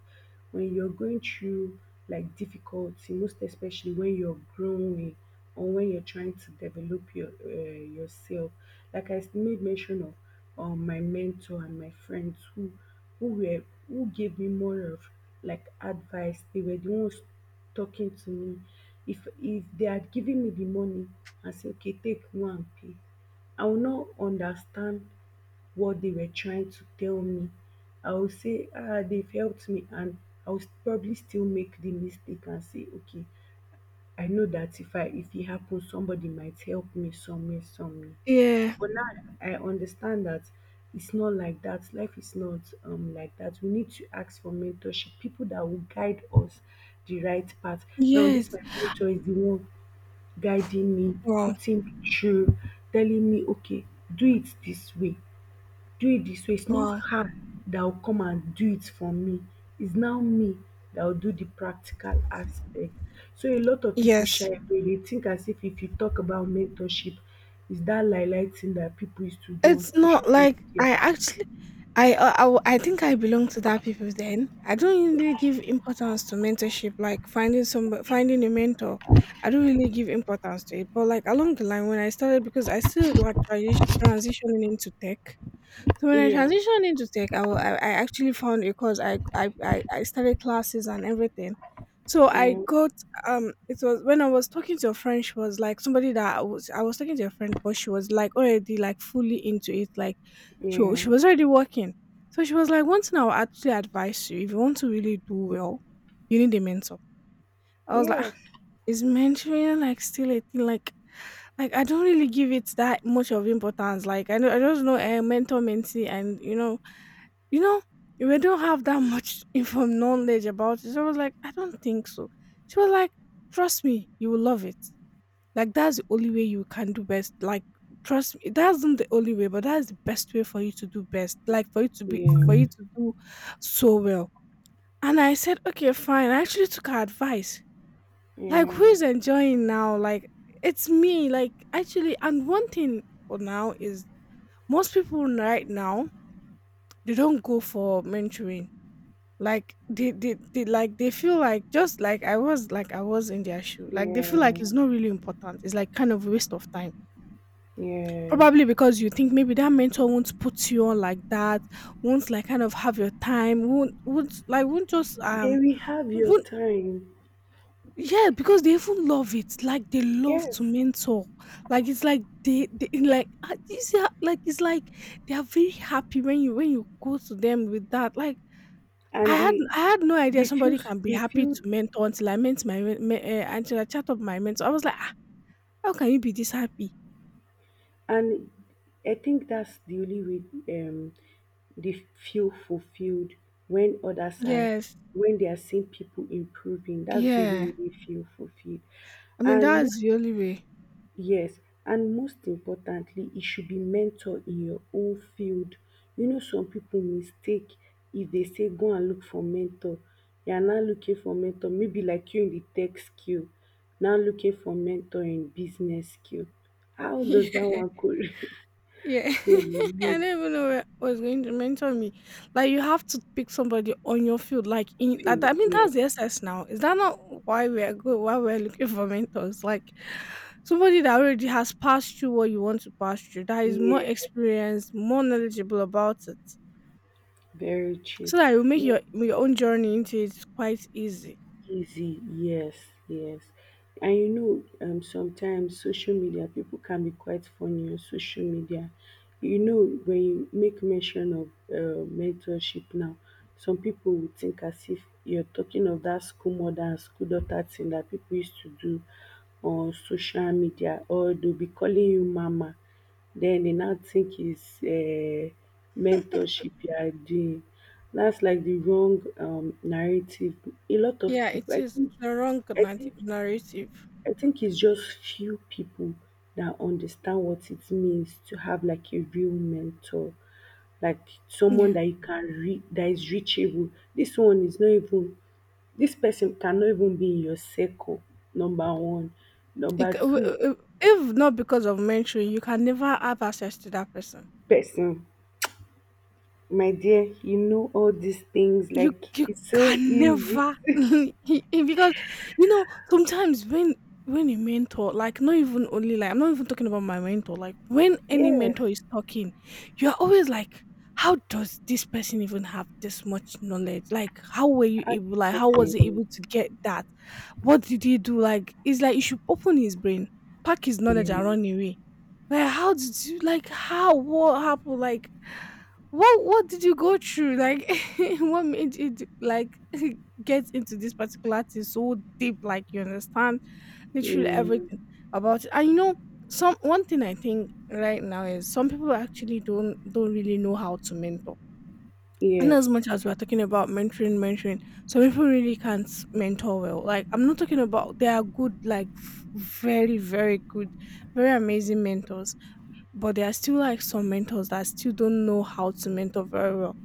Speaker 1: When you're going through like difficulty, most especially when you're growing or when you're trying to develop your yourself, like I made mention of my mentor and my friends who were who gave me more of like advice, they were the ones talking to me. If they had given me the money and say, okay, take, go and pay, I will not understand what they were trying to tell me. I will say, ah, they've helped me, and I will probably still make the mistake and say, okay, I know that if it happens, somebody might help me somewhere, somewhere.
Speaker 2: Yeah.
Speaker 1: But now I understand that it's not like that. Life is not like that. We need to ask for mentorship, people that will guide us the right path. Now, this
Speaker 2: Yes.
Speaker 1: my mentor is the one guiding me,
Speaker 2: Wow.
Speaker 1: putting me through, telling me, okay, do it this way, do it this way. It's not
Speaker 2: Wow.
Speaker 1: her that will come and do it for me. It's now me that will do the practical aspect. So a lot of people shy
Speaker 2: Yes.
Speaker 1: away. They think as if you talk about mentorship, it's that lie lie thing that people used to do on
Speaker 2: It's
Speaker 1: social
Speaker 2: not like I
Speaker 1: media.
Speaker 2: actually I think I belong to that people then. I don't really give importance to mentorship, like finding a mentor. I don't really give importance to it. But like along the line when I started, because I started like transitioning into tech. So when I
Speaker 1: Yes,
Speaker 2: transitioned into tech, I actually found a course. I started classes and everything. So I
Speaker 1: yeah,
Speaker 2: got. It was when I was talking to a friend. She was like somebody that I was. I was talking to a friend, but she was like already like fully into it. Like
Speaker 1: yeah,
Speaker 2: she was already working. So she was like, one thing I will actually advise you, if you want to really do well, you need a mentor. I was like,
Speaker 1: yes,
Speaker 2: "Ah, is mentoring like still a thing?" Like, I don't really give it that much of importance. Like I know, I just know a mentor mentee and you know, you know, we don't have that much *laughs* info knowledge about it. So I was like, I don't think so. She was like, trust me, you will love it. Like that's the only way you can do best. Like trust me, that's not the only way, but that's the best way for you to do best. Like for you to be
Speaker 1: yeah,
Speaker 2: for you to do so well. And I said, okay, fine. I actually took her advice. Like who
Speaker 1: yeah,
Speaker 2: is enjoying now? Like it's me. Like actually, and one thing for now is most people right now they don't go for mentoring. Like they like they feel like, just like I was in their shoe. Like they feel like it's
Speaker 1: yeah,
Speaker 2: not really important. It's like kind of a waste of time.
Speaker 1: yes,
Speaker 2: Probably because you think maybe that mentor won't put you on like that, won't like kind of have your time, won't like won't just
Speaker 1: they will have your
Speaker 2: won't
Speaker 1: time.
Speaker 2: yeah, because they even love it. Like they love
Speaker 1: Yes,
Speaker 2: to mentor. Like it's like they like ah, you see, like it's like they are very happy when you go to them with that. Like
Speaker 1: and they
Speaker 2: I had no idea
Speaker 1: they feel
Speaker 2: somebody
Speaker 1: s-
Speaker 2: can be
Speaker 1: they
Speaker 2: happy to
Speaker 1: feel
Speaker 2: mentor until I met my men me eh, until I chat up my mentor. I was like, "Ah, how can you be this happy?"
Speaker 1: And I think that's the only way they feel fulfilled, when other side
Speaker 2: Yes.
Speaker 1: when they are seeing people improving. That's the only
Speaker 2: Yeah.
Speaker 1: way they feel fulfilled.
Speaker 2: I mean,
Speaker 1: And
Speaker 2: that's
Speaker 1: most
Speaker 2: the only way.
Speaker 1: yes, and most importantly, it should be mentor in your own field. You know, some people mistake, if they say go and look for mentor. You are now looking for mentor, maybe like you in the tech skill, now looking for mentor in business skill. How does that
Speaker 2: *laughs*
Speaker 1: one correlate? *laughs*
Speaker 2: Yeah, yeah. *laughs* I do not
Speaker 1: Coordinate
Speaker 2: even know where was going to mentor me. Like, you have to pick somebody on your field, like, in that I
Speaker 1: field.
Speaker 2: mean,
Speaker 1: Yes.
Speaker 2: that's the essence now. Is that not why we are good? Why we're looking for mentors? Like somebody that already has passed through what you want to pass through, that is more
Speaker 1: Yeah, yeah,
Speaker 2: experienced, more knowledgeable about it.
Speaker 1: very true.
Speaker 2: So that you make
Speaker 1: Not
Speaker 2: your own journey into it quite easy.
Speaker 1: easy. Yes, yes. And you know, sometimes social media people can be quite funny on social media. You know, when you make mention of mentorship now, some people would think as if you're talking of that school mother and school daughter thing that people used to do on social media, or they'll be calling you mama. Then they now think it's mentorship you are doing. That's like the wrong narrative. A lot of
Speaker 2: Yeah,
Speaker 1: people,
Speaker 2: it is. It's a
Speaker 1: I think,
Speaker 2: narrative.
Speaker 1: I think it's just few people that understand what it means to have like a real mentor, like someone
Speaker 2: Yeah.
Speaker 1: that you can read, that is reachable. This one is not even. This person cannot even be in your circle. Number one,
Speaker 2: It,
Speaker 1: number
Speaker 2: c- w-
Speaker 1: two,
Speaker 2: w- If not because of mentoring, you can never have access to that person.
Speaker 1: person. My dear, you know all these things.
Speaker 2: You
Speaker 1: Like
Speaker 2: you
Speaker 1: it's so
Speaker 2: can
Speaker 1: easy.
Speaker 2: never *laughs* because you know sometimes when a mentor, like not even only like I'm not even talking about my mentor, like when any
Speaker 1: Yes,
Speaker 2: mentor is talking, you're always like, how does this person even have this much knowledge? Like how were you
Speaker 1: add
Speaker 2: able, like how was
Speaker 1: person.
Speaker 2: he able to get that, what did he do? Like it's like you should open his brain, pack his knowledge
Speaker 1: Yeah,
Speaker 2: and run away. Like how did you, like how, what happened, like what did you go through, like *laughs* *laughs* what made you do, like *laughs* get into this particular thing so deep? Like you understand literally
Speaker 1: yeah,
Speaker 2: everything about it. And you know, some one thing I think right now is some people actually don't really know how to mentor. And as
Speaker 1: yes,
Speaker 2: much as we're talking about mentoring, some people really can't mentor well. Like I'm not talking about they are good, like very very good, very amazing mentors, but there are still like some mentors that still don't know how to mentor very well.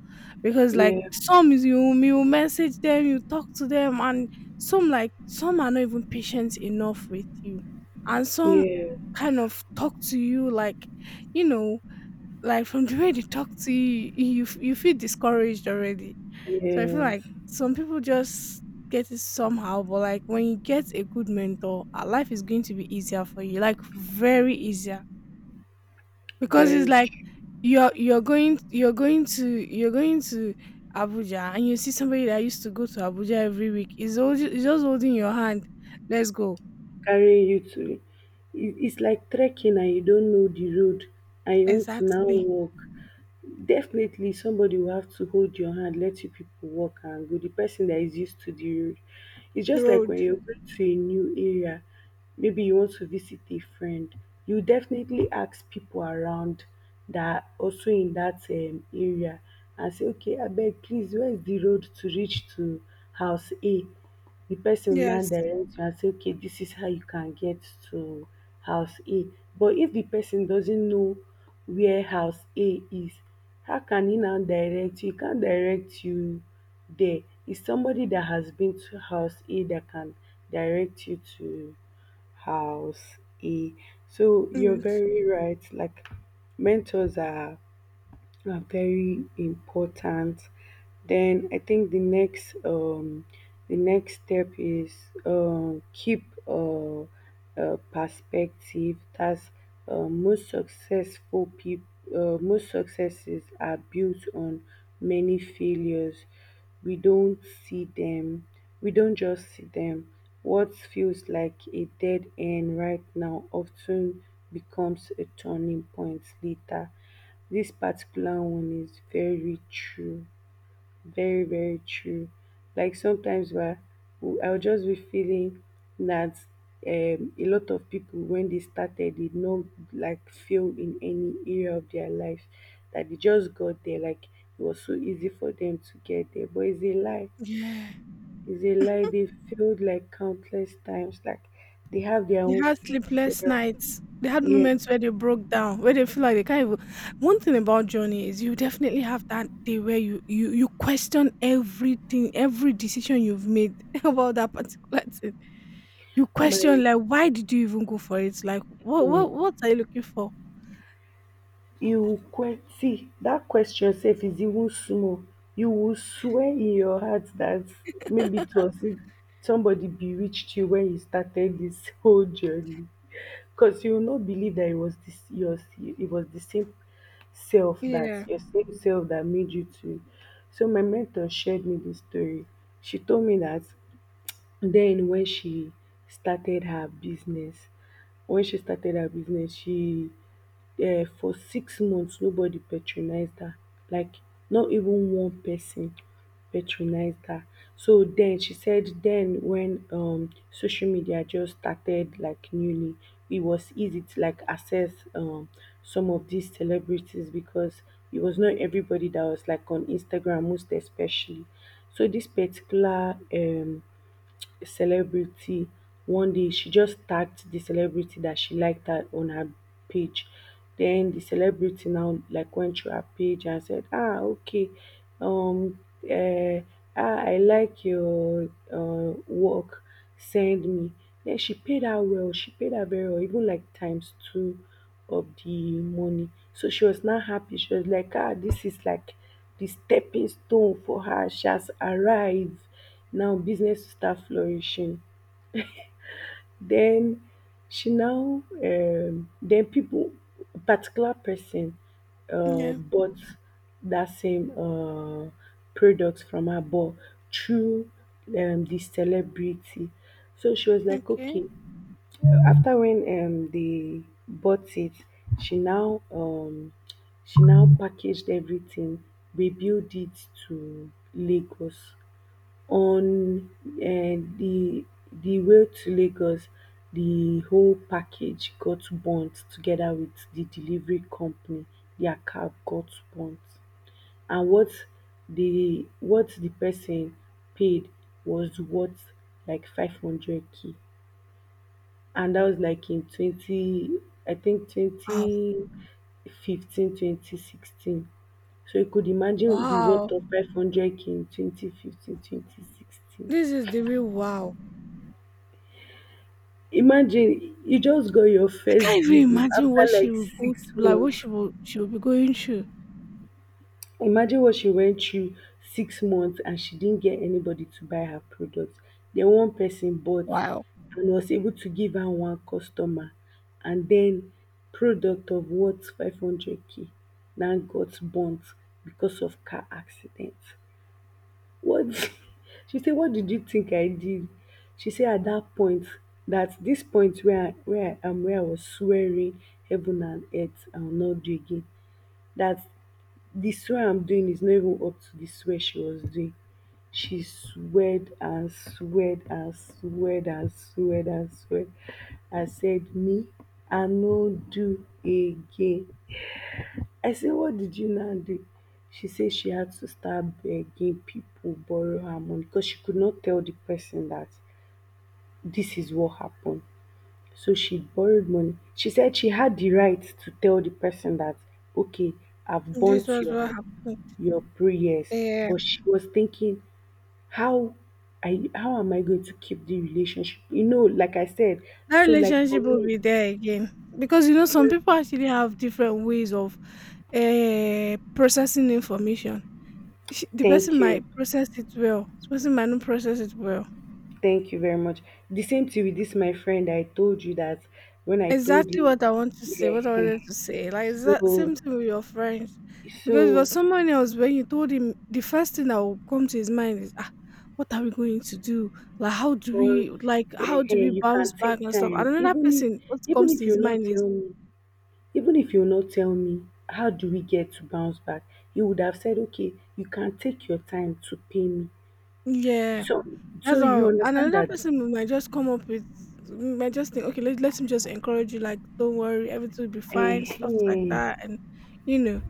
Speaker 2: Because like
Speaker 1: yeah,
Speaker 2: some is you message them, you talk to them, and some, like some are not even patient enough with you, and some
Speaker 1: yeah,
Speaker 2: kind of talk to you like, you know, like from the way they talk to you, you feel discouraged already. So I feel like
Speaker 1: yes.
Speaker 2: some people just get it somehow, but like when you get a good mentor, life is going to be easier for you, like very easier, because it's
Speaker 1: Very
Speaker 2: like
Speaker 1: true.
Speaker 2: you're going to you're going to Abuja and you see somebody that used to go to Abuja every week is always, is just holding your hand. Let's go.
Speaker 1: Carrying you to, it's like trekking and you don't know the road, and you want to now
Speaker 2: Exactly.
Speaker 1: walk. Definitely somebody will have to hold your hand, let you people walk and go. The person that is used to the road. It's just like
Speaker 2: Road.
Speaker 1: when you're going to a new area, maybe you want to visit a friend, you definitely ask people around that also in that area, and say, okay, I beg, please, where's the road to reach to house A? The person will now
Speaker 2: Yes.
Speaker 1: direct you and say, okay, this is how you can get to house A. But if the person doesn't know where house A is, how can he now direct you? He can't direct you there. It's somebody that has been to house A that can direct you to house A. So you're
Speaker 2: Yes.
Speaker 1: very right, like mentors are very important. Then I think the next step is keep perspective. That's most successful people. Most successes are built on many failures. We don't see them. We don't just see them. What feels like a dead end right now often becomes a turning point later. This particular one is very true, very, very true. Like sometimes where I'll just be feeling that a lot of people, when they started, did not like fail in any area of their life, that they just got there, like it was so easy for them to get there. But it's a lie,
Speaker 2: Yeah.
Speaker 1: it's a lie. They failed like countless times, like they have their
Speaker 2: They
Speaker 1: own
Speaker 2: had sleepless
Speaker 1: future.
Speaker 2: nights. They had
Speaker 1: Yeah,
Speaker 2: moments where they broke down, where they feel like they can't even. One thing about journey is you definitely have that day where you you question everything, every decision you've made *laughs* about that particular thing. You
Speaker 1: my.
Speaker 2: question like, "Why did you even go for it?" Like,
Speaker 1: Hmm.
Speaker 2: what are you looking for?"
Speaker 1: See that question sef is even small, you will swear in your heart that maybe it was it somebody bewitched you when you started this *laughs* whole journey. Because you will not believe that it was the same self
Speaker 2: Yeah.
Speaker 1: that made you to. So my mentor shared me this story. She told me that then when she started her business, she for 6 months nobody patronized her, like not even one person patronized her. So then she said, then when social media just started like newly, it was easy to like access some of these celebrities, because it was not everybody that was like on Instagram, most especially. So this particular celebrity, one day she just tagged the celebrity that she liked her on her page. Then the celebrity now like went through her page and said, okay, um uh, I like your work, send me. Then she paid her well, she paid her very well, even like times two of the money. So she was not happy. She was like, this is like the stepping stone for her, she has arrived. Now business start flourishing. Then she now then people, particular person
Speaker 2: Yeah.
Speaker 1: bought that same product from her, but through the celebrity. So she was like,
Speaker 2: Okay.
Speaker 1: okay. After when they bought it, she now um, she now packaged everything, rebuilt it to Lagos. On the di way to Lagos, the whole package got burnt together with the delivery company. Their cab got burnt, and what the person paid was worth like 500k k. And that was like in twenty, I think
Speaker 2: Wow.
Speaker 1: 2015, 2016. So you could imagine the worth
Speaker 2: Wow.
Speaker 1: of 500k k in 2015, 2016.
Speaker 2: This is the real wow.
Speaker 1: Imagine you just got your
Speaker 2: I
Speaker 1: first
Speaker 2: can't
Speaker 1: gig
Speaker 2: even imagine
Speaker 1: after
Speaker 2: what she
Speaker 1: like
Speaker 2: will go
Speaker 1: 6
Speaker 2: through, like what
Speaker 1: months.
Speaker 2: she will be going through.
Speaker 1: Imagine what she went through. 6 months and she didn't get anybody to buy her product. Then one person bought
Speaker 2: Wow.
Speaker 1: and was able to give her one customer, and then product of worth 500k now got burnt because of car accident. What *laughs* she said? "What did you think I did?" She said, "At that point, that this point where I was swearing heaven and earth, I will not do again, that the swear I'm doing is not even up to the swear she was doing." She sweared and sweared and sweared and sweared and sweared. I said, "Me, I no do again. I say, what did you now do?" She said she had to start begging people borrow her money, because she could not tell the person that this is what happened. So she borrowed money. She said she had the right to tell the person that, okay, I've
Speaker 2: This
Speaker 1: burnt
Speaker 2: was what
Speaker 1: your
Speaker 2: happened.
Speaker 1: prayers.
Speaker 2: Yeah.
Speaker 1: But she was thinking, how how am I going to keep the relationship? You know, like I said,
Speaker 2: That
Speaker 1: so like for
Speaker 2: relationship will
Speaker 1: me,
Speaker 2: be there again. Because you know,
Speaker 1: so
Speaker 2: some
Speaker 1: like,
Speaker 2: people actually have different ways of processing information. The person
Speaker 1: thank you.
Speaker 2: might process it well, the person might not process it well.
Speaker 1: Thank you very much. The same thing with this my friend I told you that when I told
Speaker 2: Exactly
Speaker 1: you,
Speaker 2: what I want to say,
Speaker 1: yeah.
Speaker 2: what I wanted to say. Like, it's that
Speaker 1: So,
Speaker 2: same thing with your friends. Because for
Speaker 1: so
Speaker 2: someone else, when you told him, the first thing that will come to his mind is, ah, what are we going to do? Like, how do
Speaker 1: or,
Speaker 2: we, like, how do we
Speaker 1: you
Speaker 2: bounce
Speaker 1: can take
Speaker 2: back and stuff? And
Speaker 1: time.
Speaker 2: another person, what
Speaker 1: Even
Speaker 2: comes to
Speaker 1: if
Speaker 2: his mind is,
Speaker 1: you not tell me how do we get to bounce back, you would have said, okay, you can take your time to pay me.
Speaker 2: yeah,
Speaker 1: So
Speaker 2: that's
Speaker 1: so you
Speaker 2: all. And
Speaker 1: understand
Speaker 2: another
Speaker 1: that
Speaker 2: person will might just come up with, might just think, okay, let him just encourage you, like, don't worry, everything will be fine,
Speaker 1: eh,
Speaker 2: stuff like
Speaker 1: eh.
Speaker 2: that. And, you know,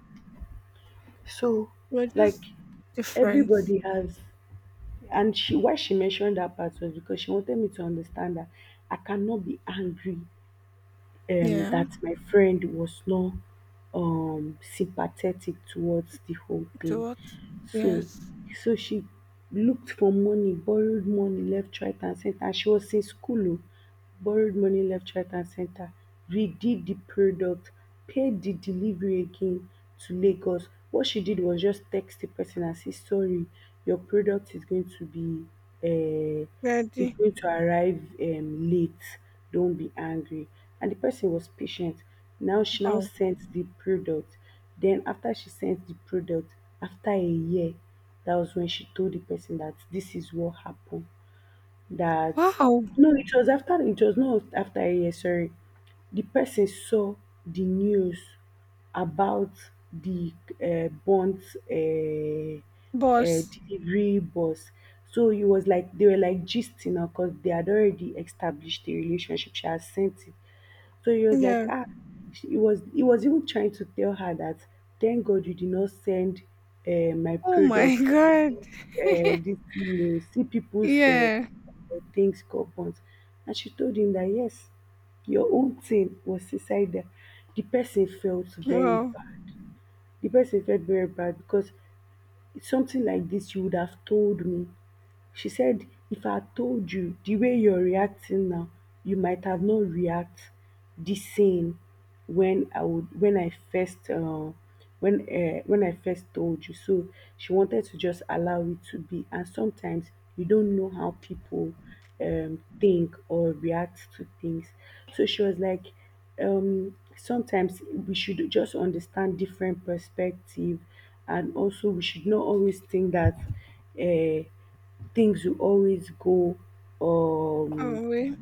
Speaker 1: . So
Speaker 2: we're
Speaker 1: like
Speaker 2: just different.
Speaker 1: everybody has. And she why she mentioned that part was because she wanted me to understand that I cannot be angry
Speaker 2: Yeah.
Speaker 1: that my friend was not sympathetic towards the whole
Speaker 2: To
Speaker 1: thing.
Speaker 2: what?
Speaker 1: So,
Speaker 2: Yes.
Speaker 1: she looked for money, borrowed money left, right, and center. And she was in school, oh, borrowed money left, right, and center, redid the product, paid the delivery again to Lagos. What she did was just text the person and say, sorry, your product is going to be. Uh, it's
Speaker 2: Ready.
Speaker 1: going to arrive late. Don't be angry. And the person was patient. Now she now
Speaker 2: Wow.
Speaker 1: sent the product. Then after she sent the product, after a year, that was when she told the person that this is what happened, that
Speaker 2: Wow.
Speaker 1: no, it was after, it was not after a year, sorry. The person saw the news about the burnt uh, uh,
Speaker 2: Boss.
Speaker 1: delivery bus. So he was like, they were like gisting now, because they had already established a relationship. She had sent it. So he was like,
Speaker 2: Yeah.
Speaker 1: he was even trying to tell her that thank God you did not send my
Speaker 2: Oh my
Speaker 1: product,
Speaker 2: god. *laughs*
Speaker 1: this thing, see people's
Speaker 2: Yeah.
Speaker 1: things compound. And she told him that yes, your own thing was inside. The person felt very
Speaker 2: Wow.
Speaker 1: bad. The person felt very bad because it's something like this you would have told me. She said, if I told you the way you're reacting now, you might have not react the same when I first when I first told you. So she wanted to just allow it to be. And sometimes you don't know how people think or react to things. So she was like, sometimes we should just understand different perspective, and also we should not always think that. Uh, Things will always go um
Speaker 2: Oh wait.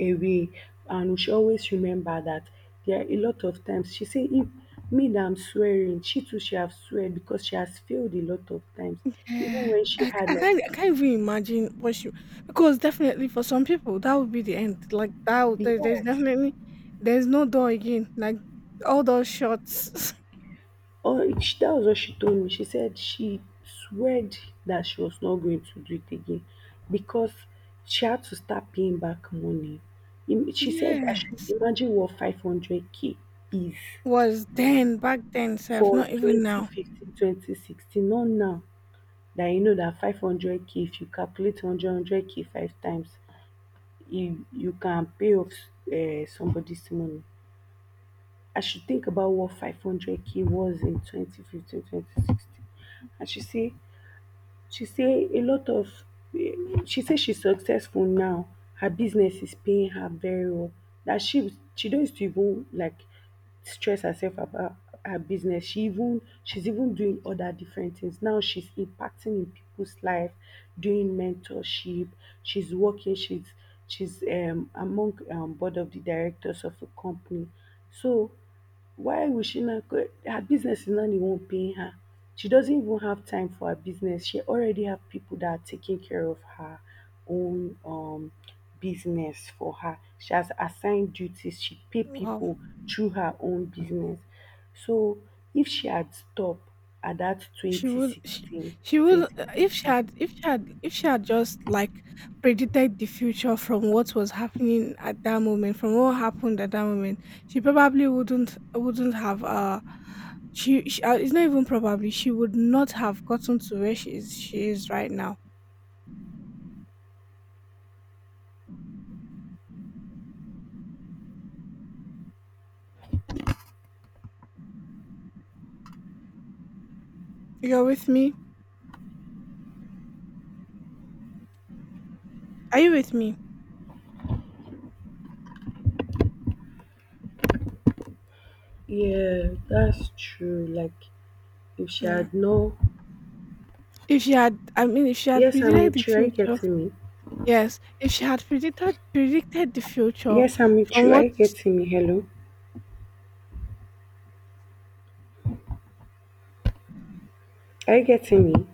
Speaker 1: away. And we should always remember that there are a lot of times, she say, if me that I'm swearing, she too she have swear because she has failed a lot of times. Even
Speaker 2: Yeah.
Speaker 1: when she had
Speaker 2: I
Speaker 1: like,
Speaker 2: can't even imagine what she, because definitely for some people that would be the end. Like that would- there, there's
Speaker 1: yeah,
Speaker 2: definitely there's no door again. Like all those shots.
Speaker 1: that was what she told me. She said she sweared that she was not going to do it again because she had to start paying back money.
Speaker 2: *laughs*
Speaker 1: She said I
Speaker 2: yeah.
Speaker 1: should imagine what 500k is,
Speaker 2: Was then back then self,
Speaker 1: for
Speaker 2: not even now.
Speaker 1: 2015, not now. That you know that 500k, if you calculate hundred hundred k five times, you can pay off somebody's money. I should think about what 500k was in 2015, 2016. 2016. And she say, she say a lot of she say she's successful now. Her business is paying her very well, that she don't used to even like stress herself about her business. She's even doing other different things now. She's impacting in people's life, doing mentorship. She's working. She's among board of the directors of a company. So why will she not go? Her business is not the one paying her. She doesn't even have time for her business. She already have people that are taking care of her own business for her. She has assigned duties. She pay
Speaker 2: Wow.
Speaker 1: people through her own business. So if she had stopped at that
Speaker 2: She
Speaker 1: twenty
Speaker 2: would she
Speaker 1: sixteen
Speaker 2: she would
Speaker 1: twenty
Speaker 2: if she had
Speaker 1: fifteen,
Speaker 2: if she had just like predicted the future from what was happening at that moment, from what happened at that moment, she probably wouldn't have she it's not even probably she would not have gotten to where she is right now. You're with me? Are you with me?
Speaker 1: yeah, that's true. Like if she
Speaker 2: Yeah.
Speaker 1: had, no,
Speaker 2: If she had, I mean, if she had
Speaker 1: yes, I'm
Speaker 2: predicted the
Speaker 1: with you. Are you
Speaker 2: future,
Speaker 1: getting me?
Speaker 2: yes, if she had predicted the future
Speaker 1: Yes, I'm with
Speaker 2: from
Speaker 1: you. Are
Speaker 2: what
Speaker 1: you getting me? Hello. Are you getting me?